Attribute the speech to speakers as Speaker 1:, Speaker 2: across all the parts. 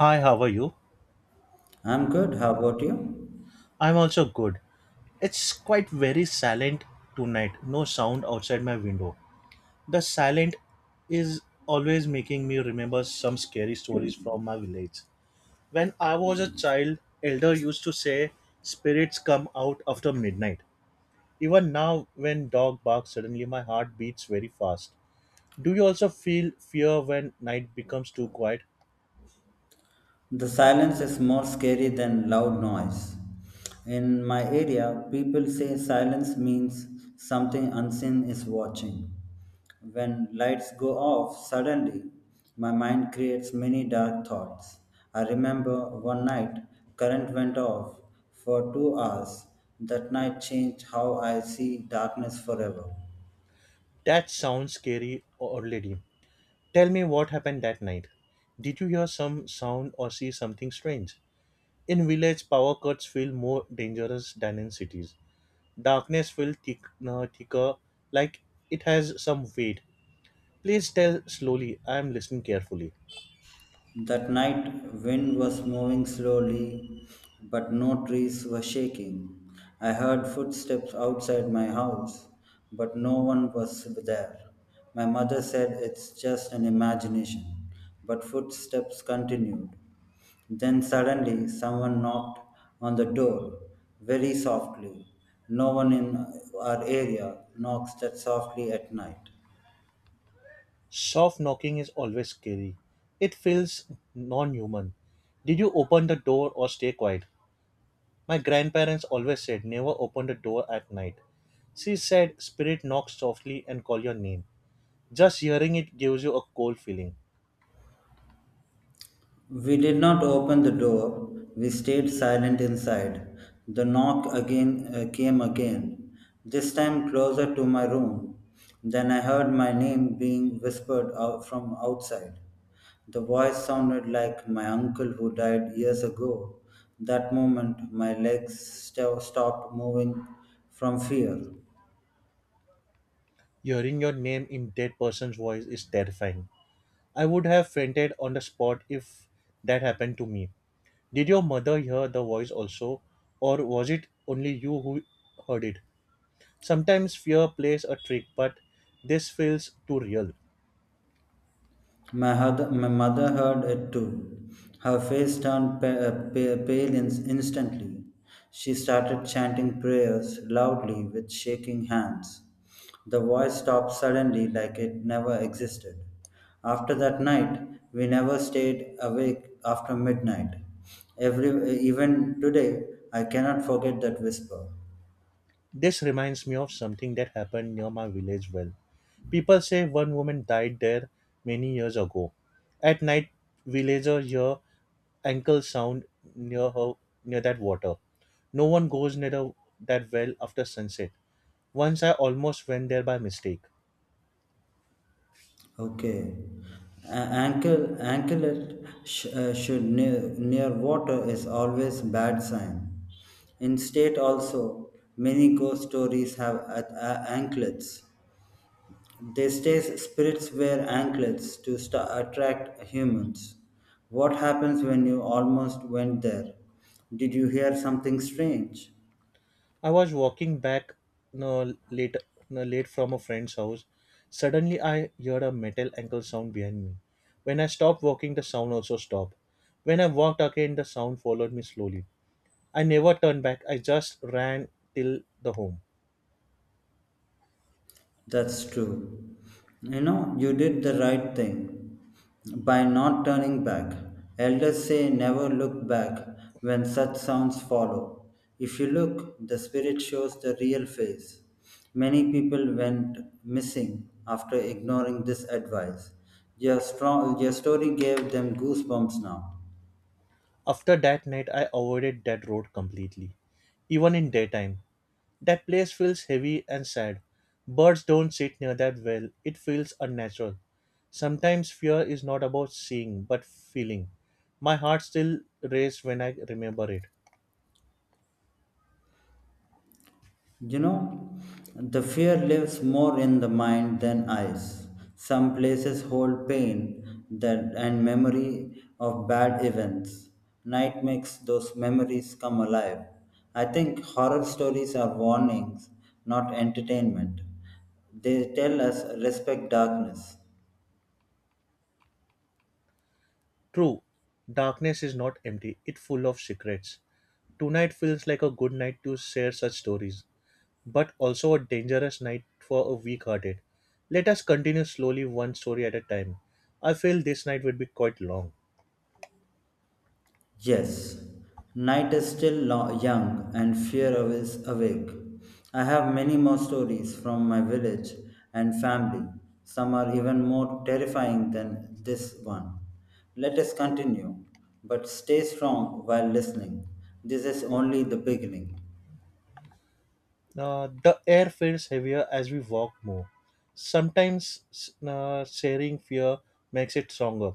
Speaker 1: Hi, how are you?
Speaker 2: I'm good. How about you?
Speaker 1: I'm also good. It's quite very silent tonight. No sound outside my window. The silent is always making me remember some scary stories from my village. When I was a child, elder used to say spirits come out after midnight. Even now when dog barks suddenly my heart beats very fast. Do you also feel fear when night becomes too quiet?
Speaker 2: The silence is more scary than loud noise. In my area, people say silence means something unseen is watching. When lights go off suddenly, my mind creates many dark thoughts. I remember one night, current went off for 2 hours. That night changed how I see darkness forever.
Speaker 1: That sounds scary already. Tell me what happened that night. Did you hear some sound or see something strange? In village, power cuts feel more dangerous than in cities. Darkness feels thick, no, thicker, like it has some weight. Please tell slowly. I am listening carefully.
Speaker 2: That night, wind was moving slowly, but no trees were shaking. I heard footsteps outside my house, but no one was there. My mother said it's just an imagination, but footsteps continued. Then suddenly, someone knocked on the door very softly. No one in our area knocks that softly at night.
Speaker 1: Soft knocking is always scary. It feels non-human. Did you open the door or stay quiet? My grandparents always said never open the door at night. She said spirit knock softly and call your name. Just hearing it gives you a cold feeling.
Speaker 2: We did not open the door. We stayed silent inside. The knock again came again, this time closer to my room. Then I heard my name being whispered out from outside. The voice sounded like my uncle who died years ago. That moment, my legs stopped moving from fear.
Speaker 1: Hearing your name in dead person's voice is terrifying. I would have fainted on the spot if that happened to me. Did your mother hear the voice also, or was it only you who heard it? Sometimes fear plays a trick, but this feels too real.
Speaker 2: My mother heard it too. Her face turned pale instantly. She started chanting prayers loudly with shaking hands. The voice stopped suddenly like it never existed. After that night, we never stayed awake after midnight. Even today, I cannot forget that whisper.
Speaker 1: This reminds me of something that happened near my village well. People say one woman died there many years ago. At night, villagers hear ankle sound near her near that water. No one goes near that well after sunset. Once I almost went there by mistake.
Speaker 2: Okay. Anklet should near water is always bad sign. In state also, many ghost stories have anklets. They say spirits wear anklets to sta attract humans. What happens when you almost went there? Did you hear something strange?
Speaker 1: I was walking back no, late no, late from a friend's house. Suddenly I heard a metal ankle sound behind me. When I stopped walking the sound also stopped. When I walked again the sound followed me slowly. I never turned back. I just ran till the home.
Speaker 2: That's true. You did the right thing by not turning back. Elders say never look back when such sounds follow. If you look, the spirit shows the real face. Many people went missing after ignoring this advice. Your story gave them goosebumps now.
Speaker 1: After that night I avoided that road completely even in daytime. That place feels heavy and sad. Birds don't sit near that well. It feels unnatural. Sometimes fear is not about seeing, but feeling. My heart still races when I remember it.
Speaker 2: You know, the fear lives more in the mind than eyes. Some places hold pain and memory of bad events. Night makes those memories come alive. I think horror stories are warnings, not entertainment. They tell us respect darkness.
Speaker 1: True, darkness is not empty, it's full of secrets. Tonight feels like a good night to share such stories, but also a dangerous night for a weak hearted. Let us continue slowly, one story at a time. I feel this night will be quite long.
Speaker 2: Yes, night is still young and fear is awake. I have many more stories from my village and family. Some are even more terrifying than this one. Let us continue, but stay strong while listening. This is only the beginning.
Speaker 1: The air feels heavier as we walk more. Sometimes sharing fear makes it stronger,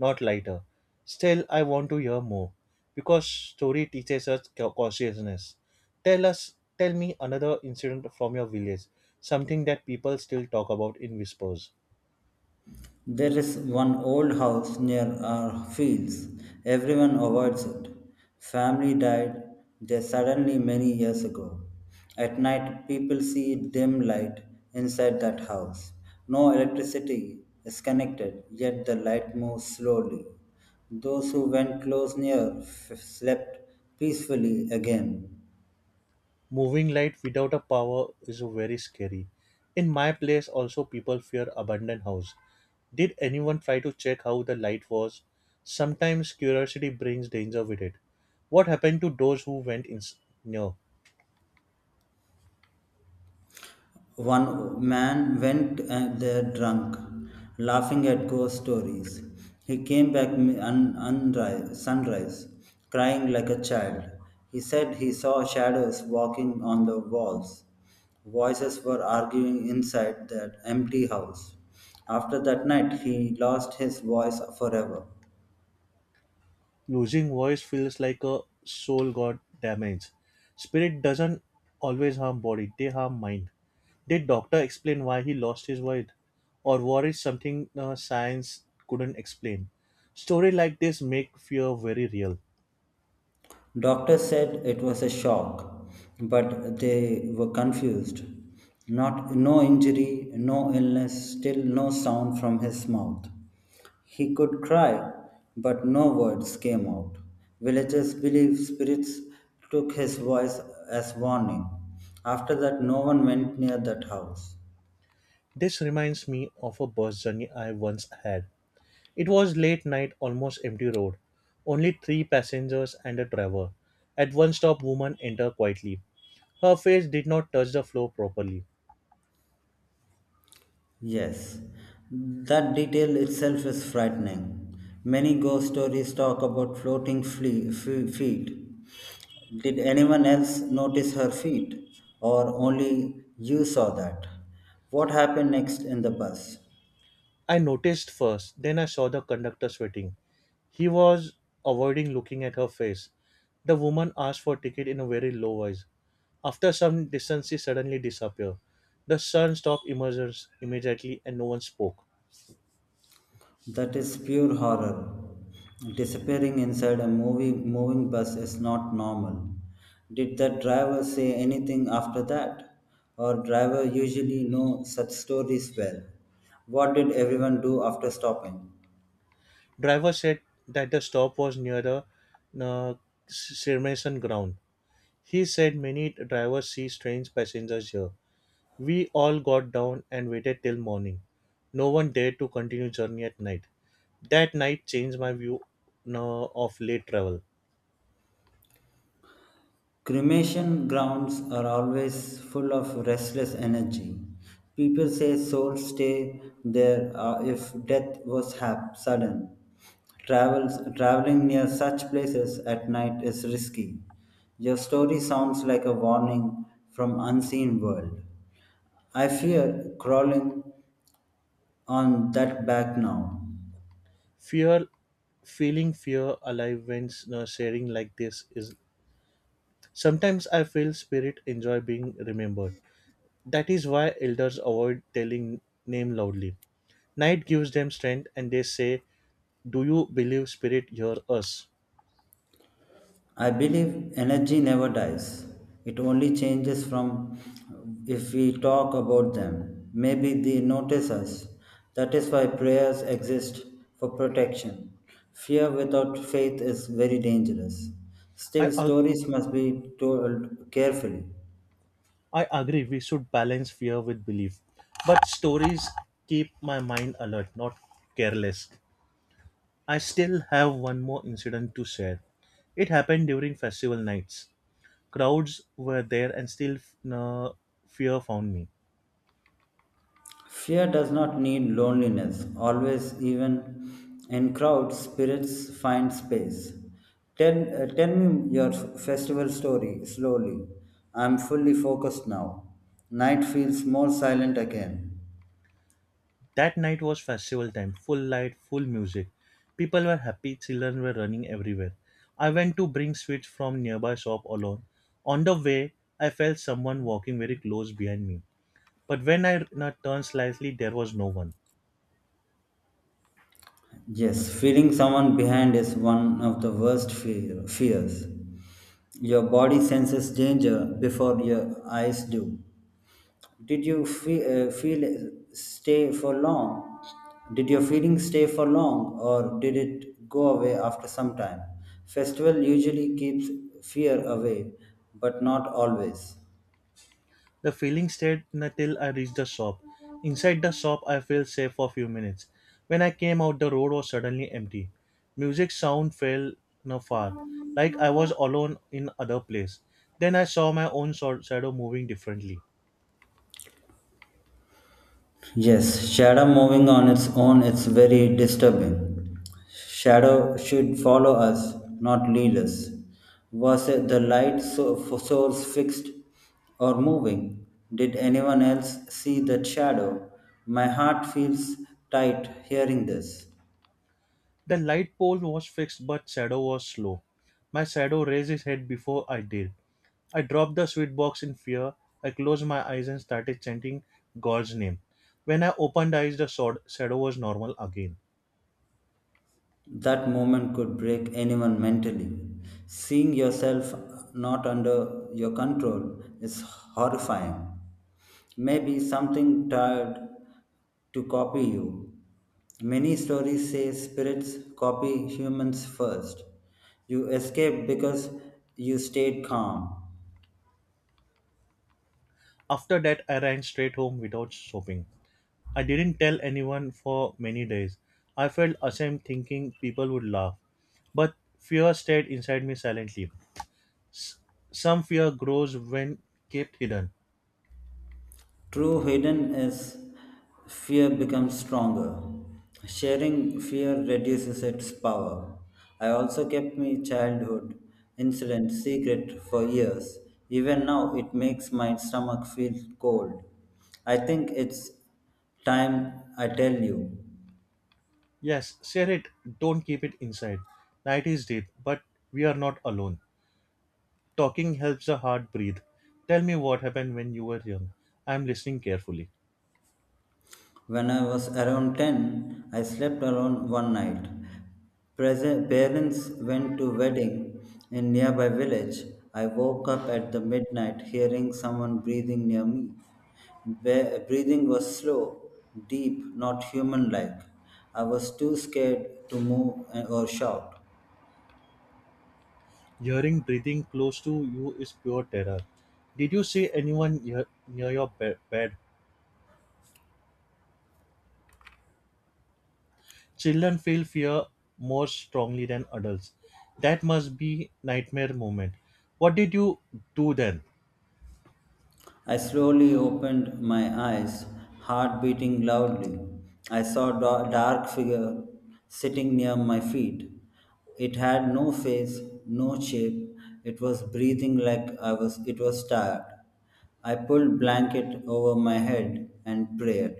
Speaker 1: not lighter. Still, I want to hear more because story teaches us cautiousness. Tell me another incident from your village, something that people still talk about in whispers.
Speaker 2: There is one old house near our fields. Everyone avoids it. Family died there suddenly many years ago. At night, people see dim light inside that house. No electricity is connected, yet the light moves slowly. Those who went close near slept peacefully again.
Speaker 1: Moving light without a power is very scary. In my place, also people fear abandoned house. Did anyone try to check how the light was? Sometimes curiosity brings danger with it. What happened to those who went in? No.
Speaker 2: One man went there drunk, laughing at ghost stories. He came back sunrise, crying like a child. He said he saw shadows walking on the walls. Voices were arguing inside that empty house. After that night, he lost his voice forever.
Speaker 1: Losing voice feels like a soul got damaged. Spirit doesn't always harm body, they harm mind. Did doctor explain why he lost his voice? Or worried something science couldn't explain? Story like this make fear very real.
Speaker 2: Doctors said it was a shock, but they were confused. Not No injury, no illness, still no sound from his mouth. He could cry, but no words came out. Villagers believe spirits took his voice as warning. After that, no one went near that house.
Speaker 1: This reminds me of a bus journey I once had. It was late night, almost empty road. Only three passengers and a driver. At one stop, woman entered quietly. Her face did not touch the floor properly.
Speaker 2: Yes, that detail itself is frightening. Many ghost stories talk about floating feet. Did anyone else notice her feet, or only you saw that? What happened next in the bus?
Speaker 1: I noticed first, then I saw the conductor sweating. He was avoiding looking at her face. The woman asked for a ticket in a very low voice. After some distance, she suddenly disappeared. The sun stopped emergence immediately and no one spoke.
Speaker 2: That is pure horror. Disappearing inside a moving bus is not normal. Did the driver say anything after that? Or driver usually know such stories well. What did everyone do after stopping?
Speaker 1: Driver said that the stop was near the uh, cremation ground. He said many drivers see strange passengers here. We all got down and waited till morning. No one dared to continue journey at night. That night changed my view no, of late travel.
Speaker 2: Cremation grounds are always full of restless energy. People say souls stay there if death was sudden. Traveling near such places at night is risky. Your story sounds like a warning from unseen world. I fear crawling on that back now.
Speaker 1: Fear, feeling fear alive when no, sharing like this is. Sometimes I feel spirit enjoy being remembered. That is why elders avoid telling name loudly. Night gives them strength, and they say, "Do you believe spirit hear us?"
Speaker 2: I believe energy never dies. It only changes from if we talk about them. Maybe they notice us. That is why prayers exist for protection. Fear without faith is very dangerous.
Speaker 1: I
Speaker 2: Still,
Speaker 1: ag-
Speaker 2: stories must be told carefully.
Speaker 1: I agree. We should balance fear with belief, but stories keep my mind alert, not careless. I still have one more incident to share. It happened during festival nights. Crowds were there and still uh, fear found me.
Speaker 2: Fear does not need loneliness, always, even in crowds, spirits find space. Tell me your festival story slowly. I'm fully focused now. Night feels more silent again.
Speaker 1: That night was festival time, full light, full music. People were happy, children were running everywhere. I went to bring sweets from nearby shop alone. On the way, I felt someone walking very close behind me. But when I turned slightly, there was no one.
Speaker 2: Yes, feeling someone behind is one of the worst fears. Your body senses danger before your eyes do. Did you feel stay for long? Did your feeling stay for long, or did it go away after some time? Festival usually keeps fear away, but not always.
Speaker 1: The feeling stayed until I reached the shop. Inside the shop, I felt safe for a few minutes. When I came out, the road was suddenly empty. Music sound fell no far, like I was alone in other place. Then I saw my own shadow moving differently.
Speaker 2: Yes, shadow moving on its own is very disturbing. Shadow should follow us, not lead us. Was it the light source fixed or moving? Did anyone else see that shadow? My heart feels tight hearing this.
Speaker 1: The light pole was fixed, but shadow was slow. My shadow raised his head before I did. I dropped the sweet box in fear. I closed my eyes and started chanting God's name. When I opened eyes, the shadow was normal again.
Speaker 2: That moment could break anyone mentally. Seeing yourself not under your control is horrifying. Maybe something tried to copy you. Many stories say spirits copy humans first. You escaped because you stayed calm.
Speaker 1: After that, I ran straight home without shopping. I didn't tell anyone for many days. I felt ashamed thinking people would laugh. But fear stayed inside me silently. Some fear grows when kept hidden.
Speaker 2: True hidden is fear becomes stronger. Sharing fear reduces its power. I also kept my childhood incident secret for years. Even now, it makes my stomach feel cold. I think it's time I tell you.
Speaker 1: Yes, share it. Don't keep it inside. Night is deep, but we are not alone. Talking helps the heart breathe. Tell me what happened when you were young. I am listening carefully.
Speaker 2: When I was around 10, I slept around one night. Present, parents went to wedding in nearby village. I woke up at the midnight hearing someone breathing near me. Breathing was slow, deep, not human like. I was too scared to move or shout.
Speaker 1: Hearing breathing close to you is pure terror. Did you see anyone near your bed? Children feel fear more strongly than adults. That must be nightmare moment. What did you do then?
Speaker 2: I slowly opened my eyes, heart beating loudly. I saw a dark figure sitting near my feet. It had no face, no shape. It was breathing like I was it was tired. I pulled blanket over my head and prayed.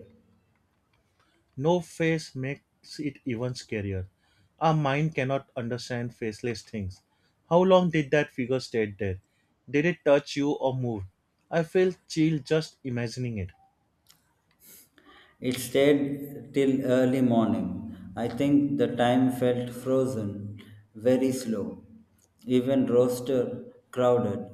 Speaker 1: No face makes it even scarier. Our mind cannot understand faceless things. How long did that figure stay there? Did it touch you or move? I feel chill just imagining it.
Speaker 2: It stayed till early morning. I think the time felt frozen, very slow, even roster crowded.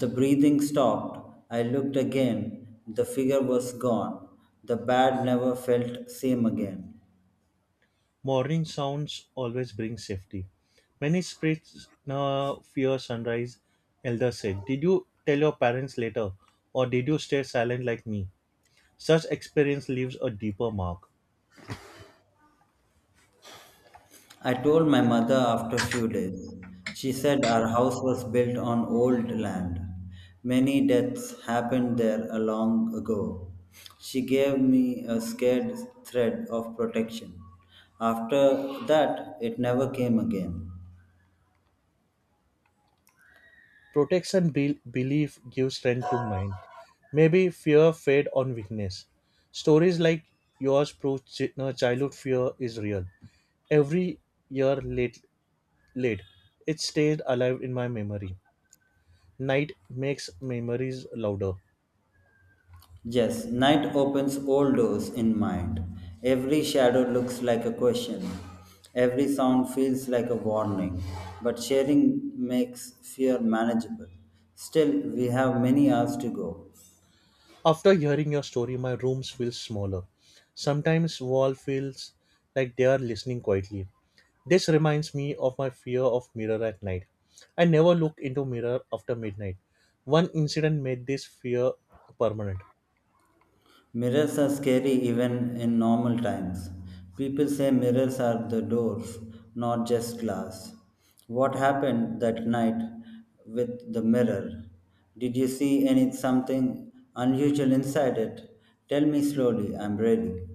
Speaker 2: The breathing stopped. I looked again. The figure was gone. The bed never felt same again.
Speaker 1: Morning sounds always bring safety. Many spirits now fear sunrise, Elder said. Did you tell your parents later, or did you stay silent like me? Such experience leaves a deeper mark.
Speaker 2: I told my mother after a few days. She said our house was built on old land. Many deaths happened there a long ago. She gave me a scared thread of protection. After that, it never came again.
Speaker 1: Protection belief gives strength to mind. Maybe fear fed on weakness. Stories like yours prove chi- no, childhood fear is real. Every year late, it stayed alive in my memory. Night makes memories louder.
Speaker 2: Yes, night opens all doors in mind. Every shadow looks like a question. Every sound feels like a warning. But sharing makes fear manageable. Still, we have many hours to go.
Speaker 1: After hearing your story, my rooms feel smaller. Sometimes wall feels like they are listening quietly. This reminds me of my fear of mirror at night. I never look into mirror after midnight. One incident made this fear permanent.
Speaker 2: Mirrors are scary even in normal times. People say mirrors are the doors, not just glass. What happened that night with the mirror? Did you see any something unusual inside it? Tell me slowly, I'm ready.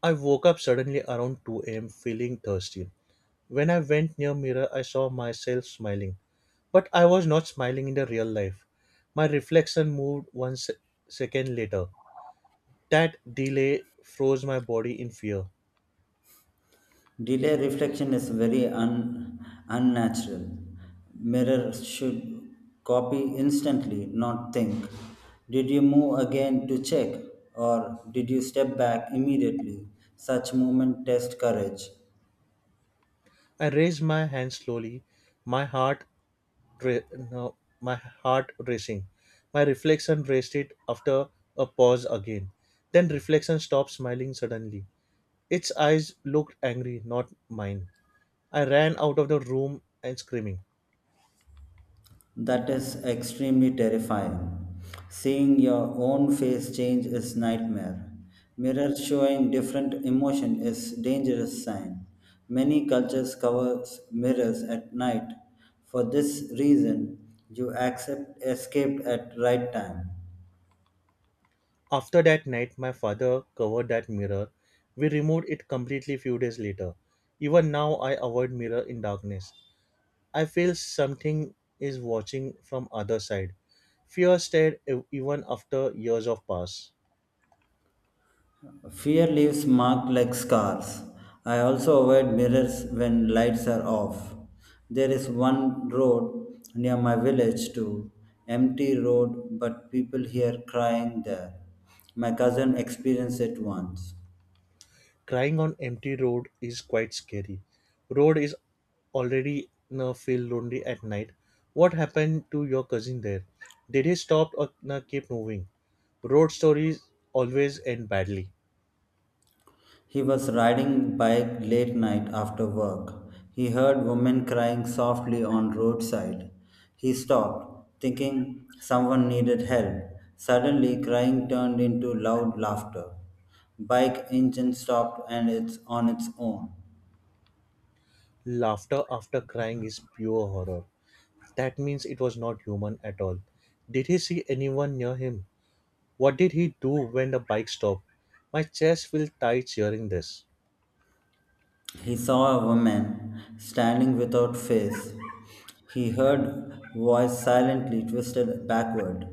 Speaker 1: I woke up suddenly around 2 a.m. feeling thirsty. When I went near mirror, I saw myself smiling, but I was not smiling in the real life. My reflection moved second later. That delay froze my body in fear.
Speaker 2: Delay reflection is very unnatural. Mirror should copy instantly, not think. Did you move again to check? Or did you step back immediately? Such movement test courage.
Speaker 1: I raised my hand slowly, my heart, ra- no, my heart racing. My reflection raised it after a pause again. Then reflection stopped smiling suddenly. Its eyes looked angry, not mine. I ran out of the room and screaming.
Speaker 2: That is extremely terrifying. Seeing your own face change is nightmare. Mirrors showing different emotion is dangerous sign. Many cultures cover mirrors at night. For this reason, you accept escaped at right time.
Speaker 1: After that night, my father covered that mirror. We removed it completely few days later. Even now, I avoid mirror in darkness. I feel something is watching from other side. Fear stayed even after years of pass.
Speaker 2: Fear leaves marks like scars. I also avoid mirrors when lights are off. There is one road near my village too, empty road, but people here crying there. My cousin experienced it once.
Speaker 1: Crying on empty road is quite scary. Road is already now feel lonely at night. What happened to your cousin there? Did he stop or na keep moving? Road stories always end badly.
Speaker 2: He was riding bike late night after work. He heard women crying softly on roadside. He stopped, thinking someone needed help. Suddenly crying turned into loud laughter. Bike engine stopped and it's on its own.
Speaker 1: Laughter after crying is pure horror. That means it was not human at all. Did he see anyone near him? What did he do when the bike stopped? My chest will tight hearing this.
Speaker 2: He saw a woman standing without face. He heard voice silently twisted backward.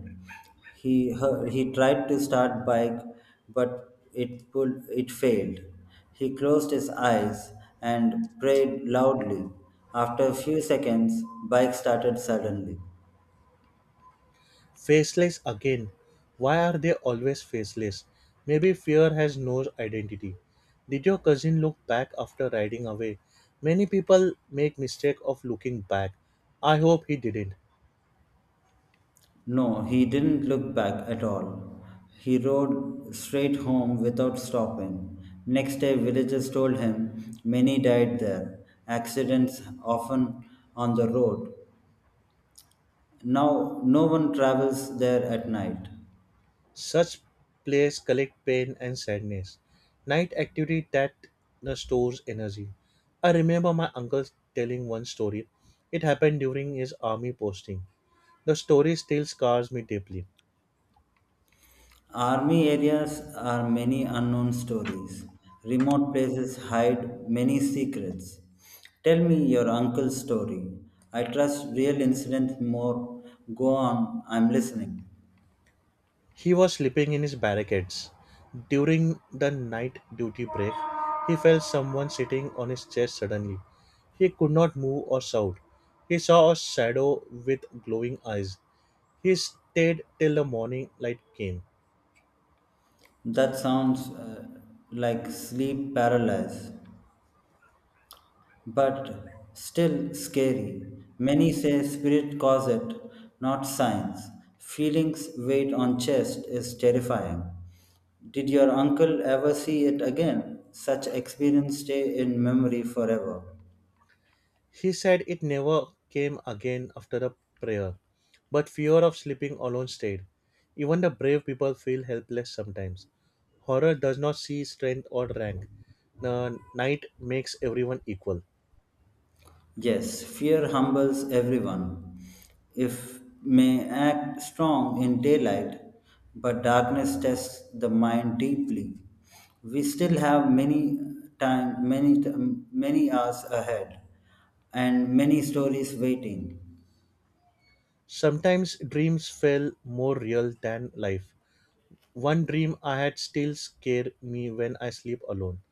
Speaker 2: He tried to start bike, but it failed. He closed his eyes and prayed loudly. After a few seconds, bike started suddenly.
Speaker 1: Faceless again. Why are they always faceless? Maybe fear has no identity. Did your cousin look back after riding away? Many people make mistake of looking back. I hope he didn't.
Speaker 2: No, he didn't look back at all. He rode straight home without stopping. Next day, villagers told him many died there, accidents often on the road. Now, no one travels there at night.
Speaker 1: Such plays collect pain and sadness. Night activity that stores energy. I remember my uncle telling one story. It happened during his army posting. The story still scars me deeply.
Speaker 2: Army areas are many unknown stories. Remote places hide many secrets. Tell me your uncle's story. I trust real incidents more. Go on, I'm listening.
Speaker 1: He was sleeping in his barricades. During the night duty break, he felt someone sitting on his chest suddenly. He could not move or shout. He saw a shadow with glowing eyes. He stayed till the morning light came.
Speaker 2: That sounds like sleep paralysis, but still scary. Many say spirit cause it, not science. Feelings weight on chest is terrifying. Did your uncle ever see it again? Such experience stay in memory forever.
Speaker 1: He said it never came again after the prayer, but fear of sleeping alone stayed. Even the brave people feel helpless sometimes. Horror does not see strength or rank. The night makes everyone equal.
Speaker 2: Yes, fear humbles everyone. If may act strong in daylight, but darkness tests the mind deeply. We still have time, many t- many hours ahead, and many stories waiting.
Speaker 1: Sometimes dreams felt more real than life. One dream I had still scared me when I sleep alone.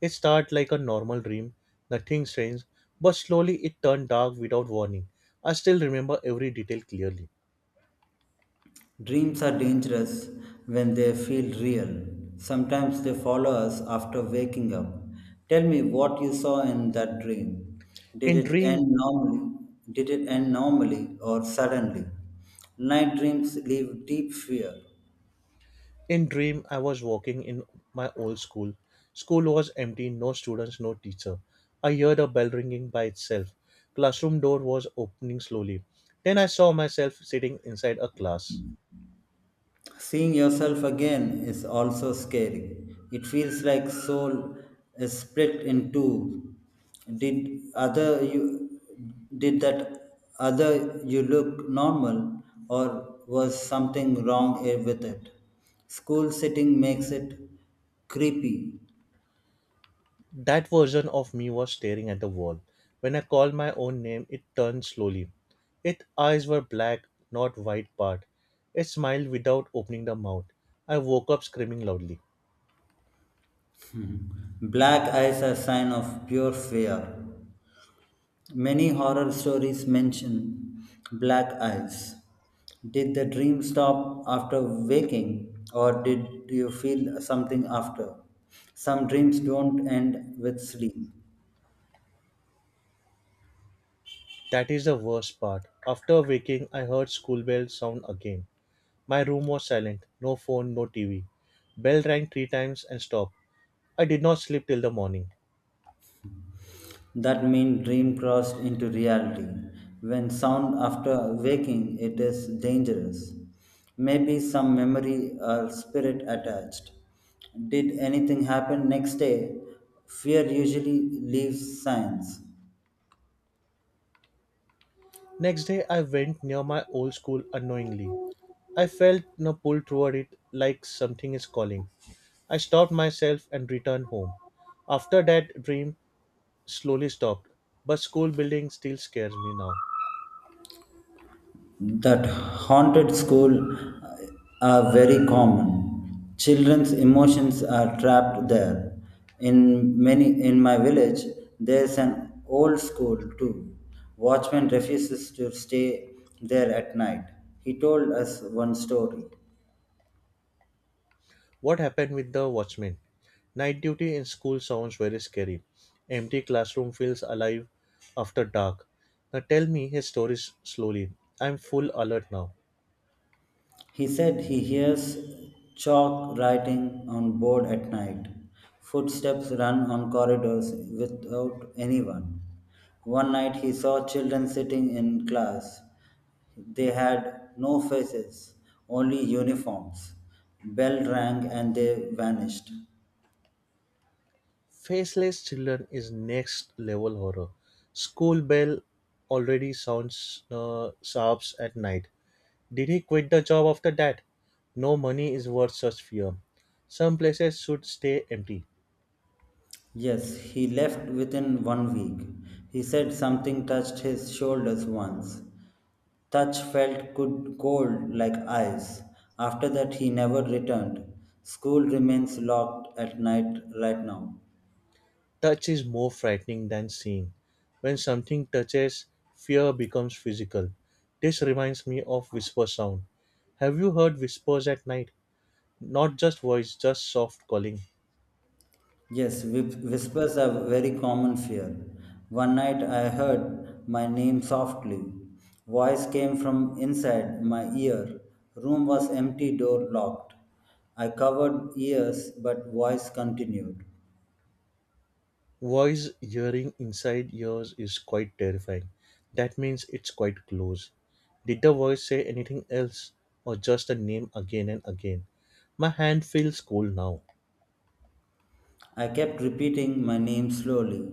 Speaker 1: It started like a normal dream, nothing strange, but slowly it turned dark without warning. I still remember every detail clearly.
Speaker 2: Dreams are dangerous when they feel real. Sometimes they follow us after waking up. Tell me what you saw in that dream. Did
Speaker 1: In
Speaker 2: it end
Speaker 1: dream,
Speaker 2: normally? Did it end normally or suddenly? Night dreams leave deep fear.
Speaker 1: In dream, I was walking in my old school. School was empty, no students, no teacher. I heard a bell ringing by itself. Classroom door was opening slowly. Then I saw myself sitting inside a class.
Speaker 2: Seeing yourself again is also scary. It feels like soul is split in two. Did other you did that other you look normal or was something wrong with it? School sitting makes it creepy.
Speaker 1: That version of me was staring at the wall. When I called my own name, it turned slowly. Its eyes were black, not white part. It smiled without opening the mouth. I woke up screaming loudly.
Speaker 2: Black eyes are sign of pure fear. Many horror stories mention black eyes. Did the dream stop after waking, or did you feel something after? Some dreams don't end with sleep.
Speaker 1: That is the worst part. After waking, I heard school bell sound again. My room was silent no phone, no TV. Bell rang three times and stopped. I did not sleep till the morning.
Speaker 2: That means dream crossed into reality. When sound after waking, it is dangerous. Maybe some memory or spirit attached. Did anything happen next day? Fear usually leaves signs.
Speaker 1: Next day, I went near my old school unknowingly. I felt a pull toward it like something is calling. I stopped myself and returned home. After that dream slowly stopped, but school building still scares me now.
Speaker 2: That haunted school uh, are very common. Children's emotions are trapped there. In my village, there's an old school too. Watchman refuses to stay there at night. He told us one story.
Speaker 1: What happened with the watchman? Night duty in school sounds very scary. Empty classroom feels alive after dark. Now tell me his stories slowly. I'm full alert now.
Speaker 2: He said he hears chalk writing on board at night. Footsteps run on corridors without anyone. One night he saw children sitting in class. They had no faces, only uniforms. Bell rang and they vanished.
Speaker 1: Faceless Children is next level horror. School bell already sounds sharps at night. Did he quit the job after that? No money is worth such fear. Some places should stay empty.
Speaker 2: Yes, he left within one week. He said something touched his shoulders once. Touch felt good, cold like ice. After that, he never returned. School remains locked at night right now.
Speaker 1: Touch is more frightening than seeing. When something touches, fear becomes physical. This reminds me of whisper sound. Have you heard whispers at night? Not just voice, just soft calling.
Speaker 2: Yes, whispers are very common fear. One night I heard my name softly. Voice came from inside my ear. Room was empty, door locked. I covered ears, but voice continued.
Speaker 1: Voice hearing inside ears is quite terrifying. That means it's quite close. Did the voice say anything else or just a name again and again? My hand feels cold now.
Speaker 2: I kept repeating my name slowly.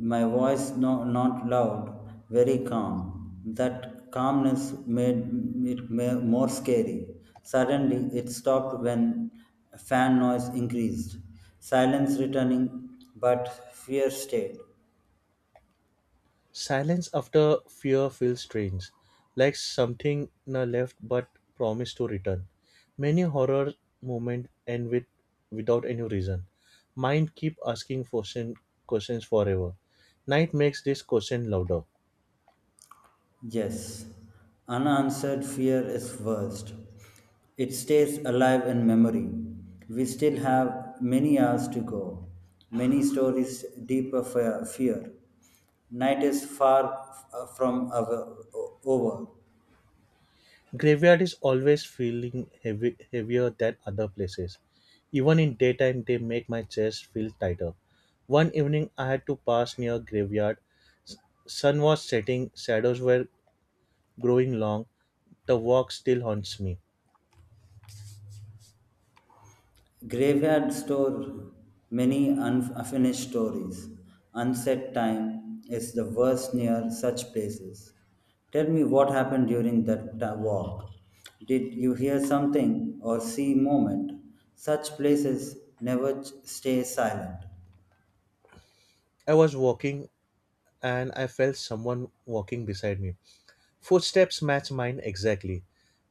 Speaker 2: My voice not loud, very calm. That calmness made it more scary. Suddenly, it stopped when fan noise increased. Silence returning, but fear stayed.
Speaker 1: Silence after fear feels strange, like something na left but promised to return. Many horror moments end with without any reason. Mind keep asking question, questions forever. Night makes this question louder.
Speaker 2: Yes, unanswered fear is worst. It stays alive in memory. We still have many hours to go, many stories deeper fear. Night is far from over.
Speaker 1: Graveyard is always feeling heavy, heavier than other places. Even in daytime, they make my chest feel tighter. One evening, I had to pass near graveyard. Sun was setting, shadows were growing long, the walk still haunts me.
Speaker 2: Graveyard store many unfinished stories. Unset time is the worst near such places. Tell me what happened during that walk. Did you hear something or see moment? Such places never stay silent.
Speaker 1: I was walking and I felt someone walking beside me. Footsteps match mine exactly.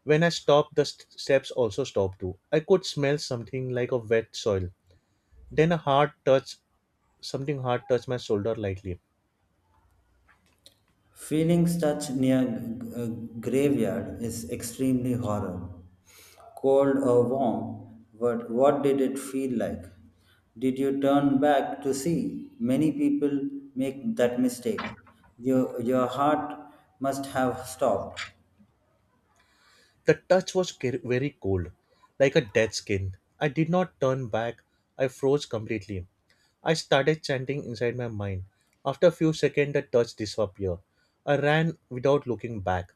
Speaker 1: When I stopped, the steps also stopped too. I could smell something like a wet soil. Then a hard touch, something hard touched my shoulder lightly.
Speaker 2: Feeling touch near graveyard is extremely horror. Cold or warm, but what did it feel like? Did you turn back to see? Many people make that mistake. Your heart must have stopped.
Speaker 1: The touch was very cold, like a dead skin. I did not turn back. I froze completely. I started chanting inside my mind. After a few seconds, the touch disappeared. I ran without looking back.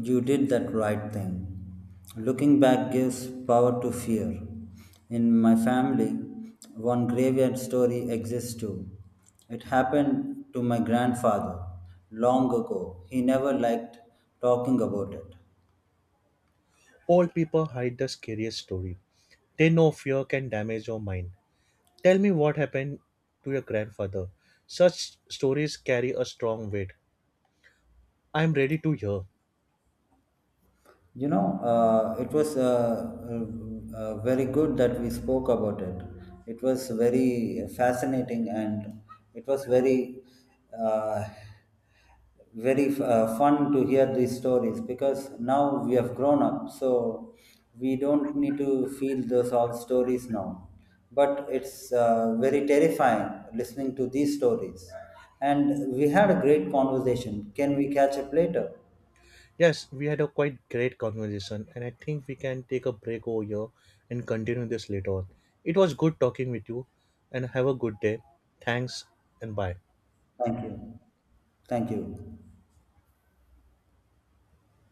Speaker 2: You did that right thing. Looking back gives power to fear. In my family, one graveyard story exists too. It happened to my grandfather long ago. He never liked talking about it.
Speaker 1: Old people hide the scariest story. They know fear can damage your mind. Tell me what happened to your grandfather. Such stories carry a strong weight. I'm ready to hear.
Speaker 2: It was very good that we spoke about it. It was very fascinating and it was uh, very fun to hear these stories because now we have grown up, so we don't need to feel those all stories now. But it's very terrifying listening to these stories. And we had a great conversation. Can we catch up later?
Speaker 1: Yes, we had a quite great conversation, and I think we can take a break over here and continue this later on. It was good talking with you, and have a good day. Thanks and bye.
Speaker 2: Thank you. Thank you.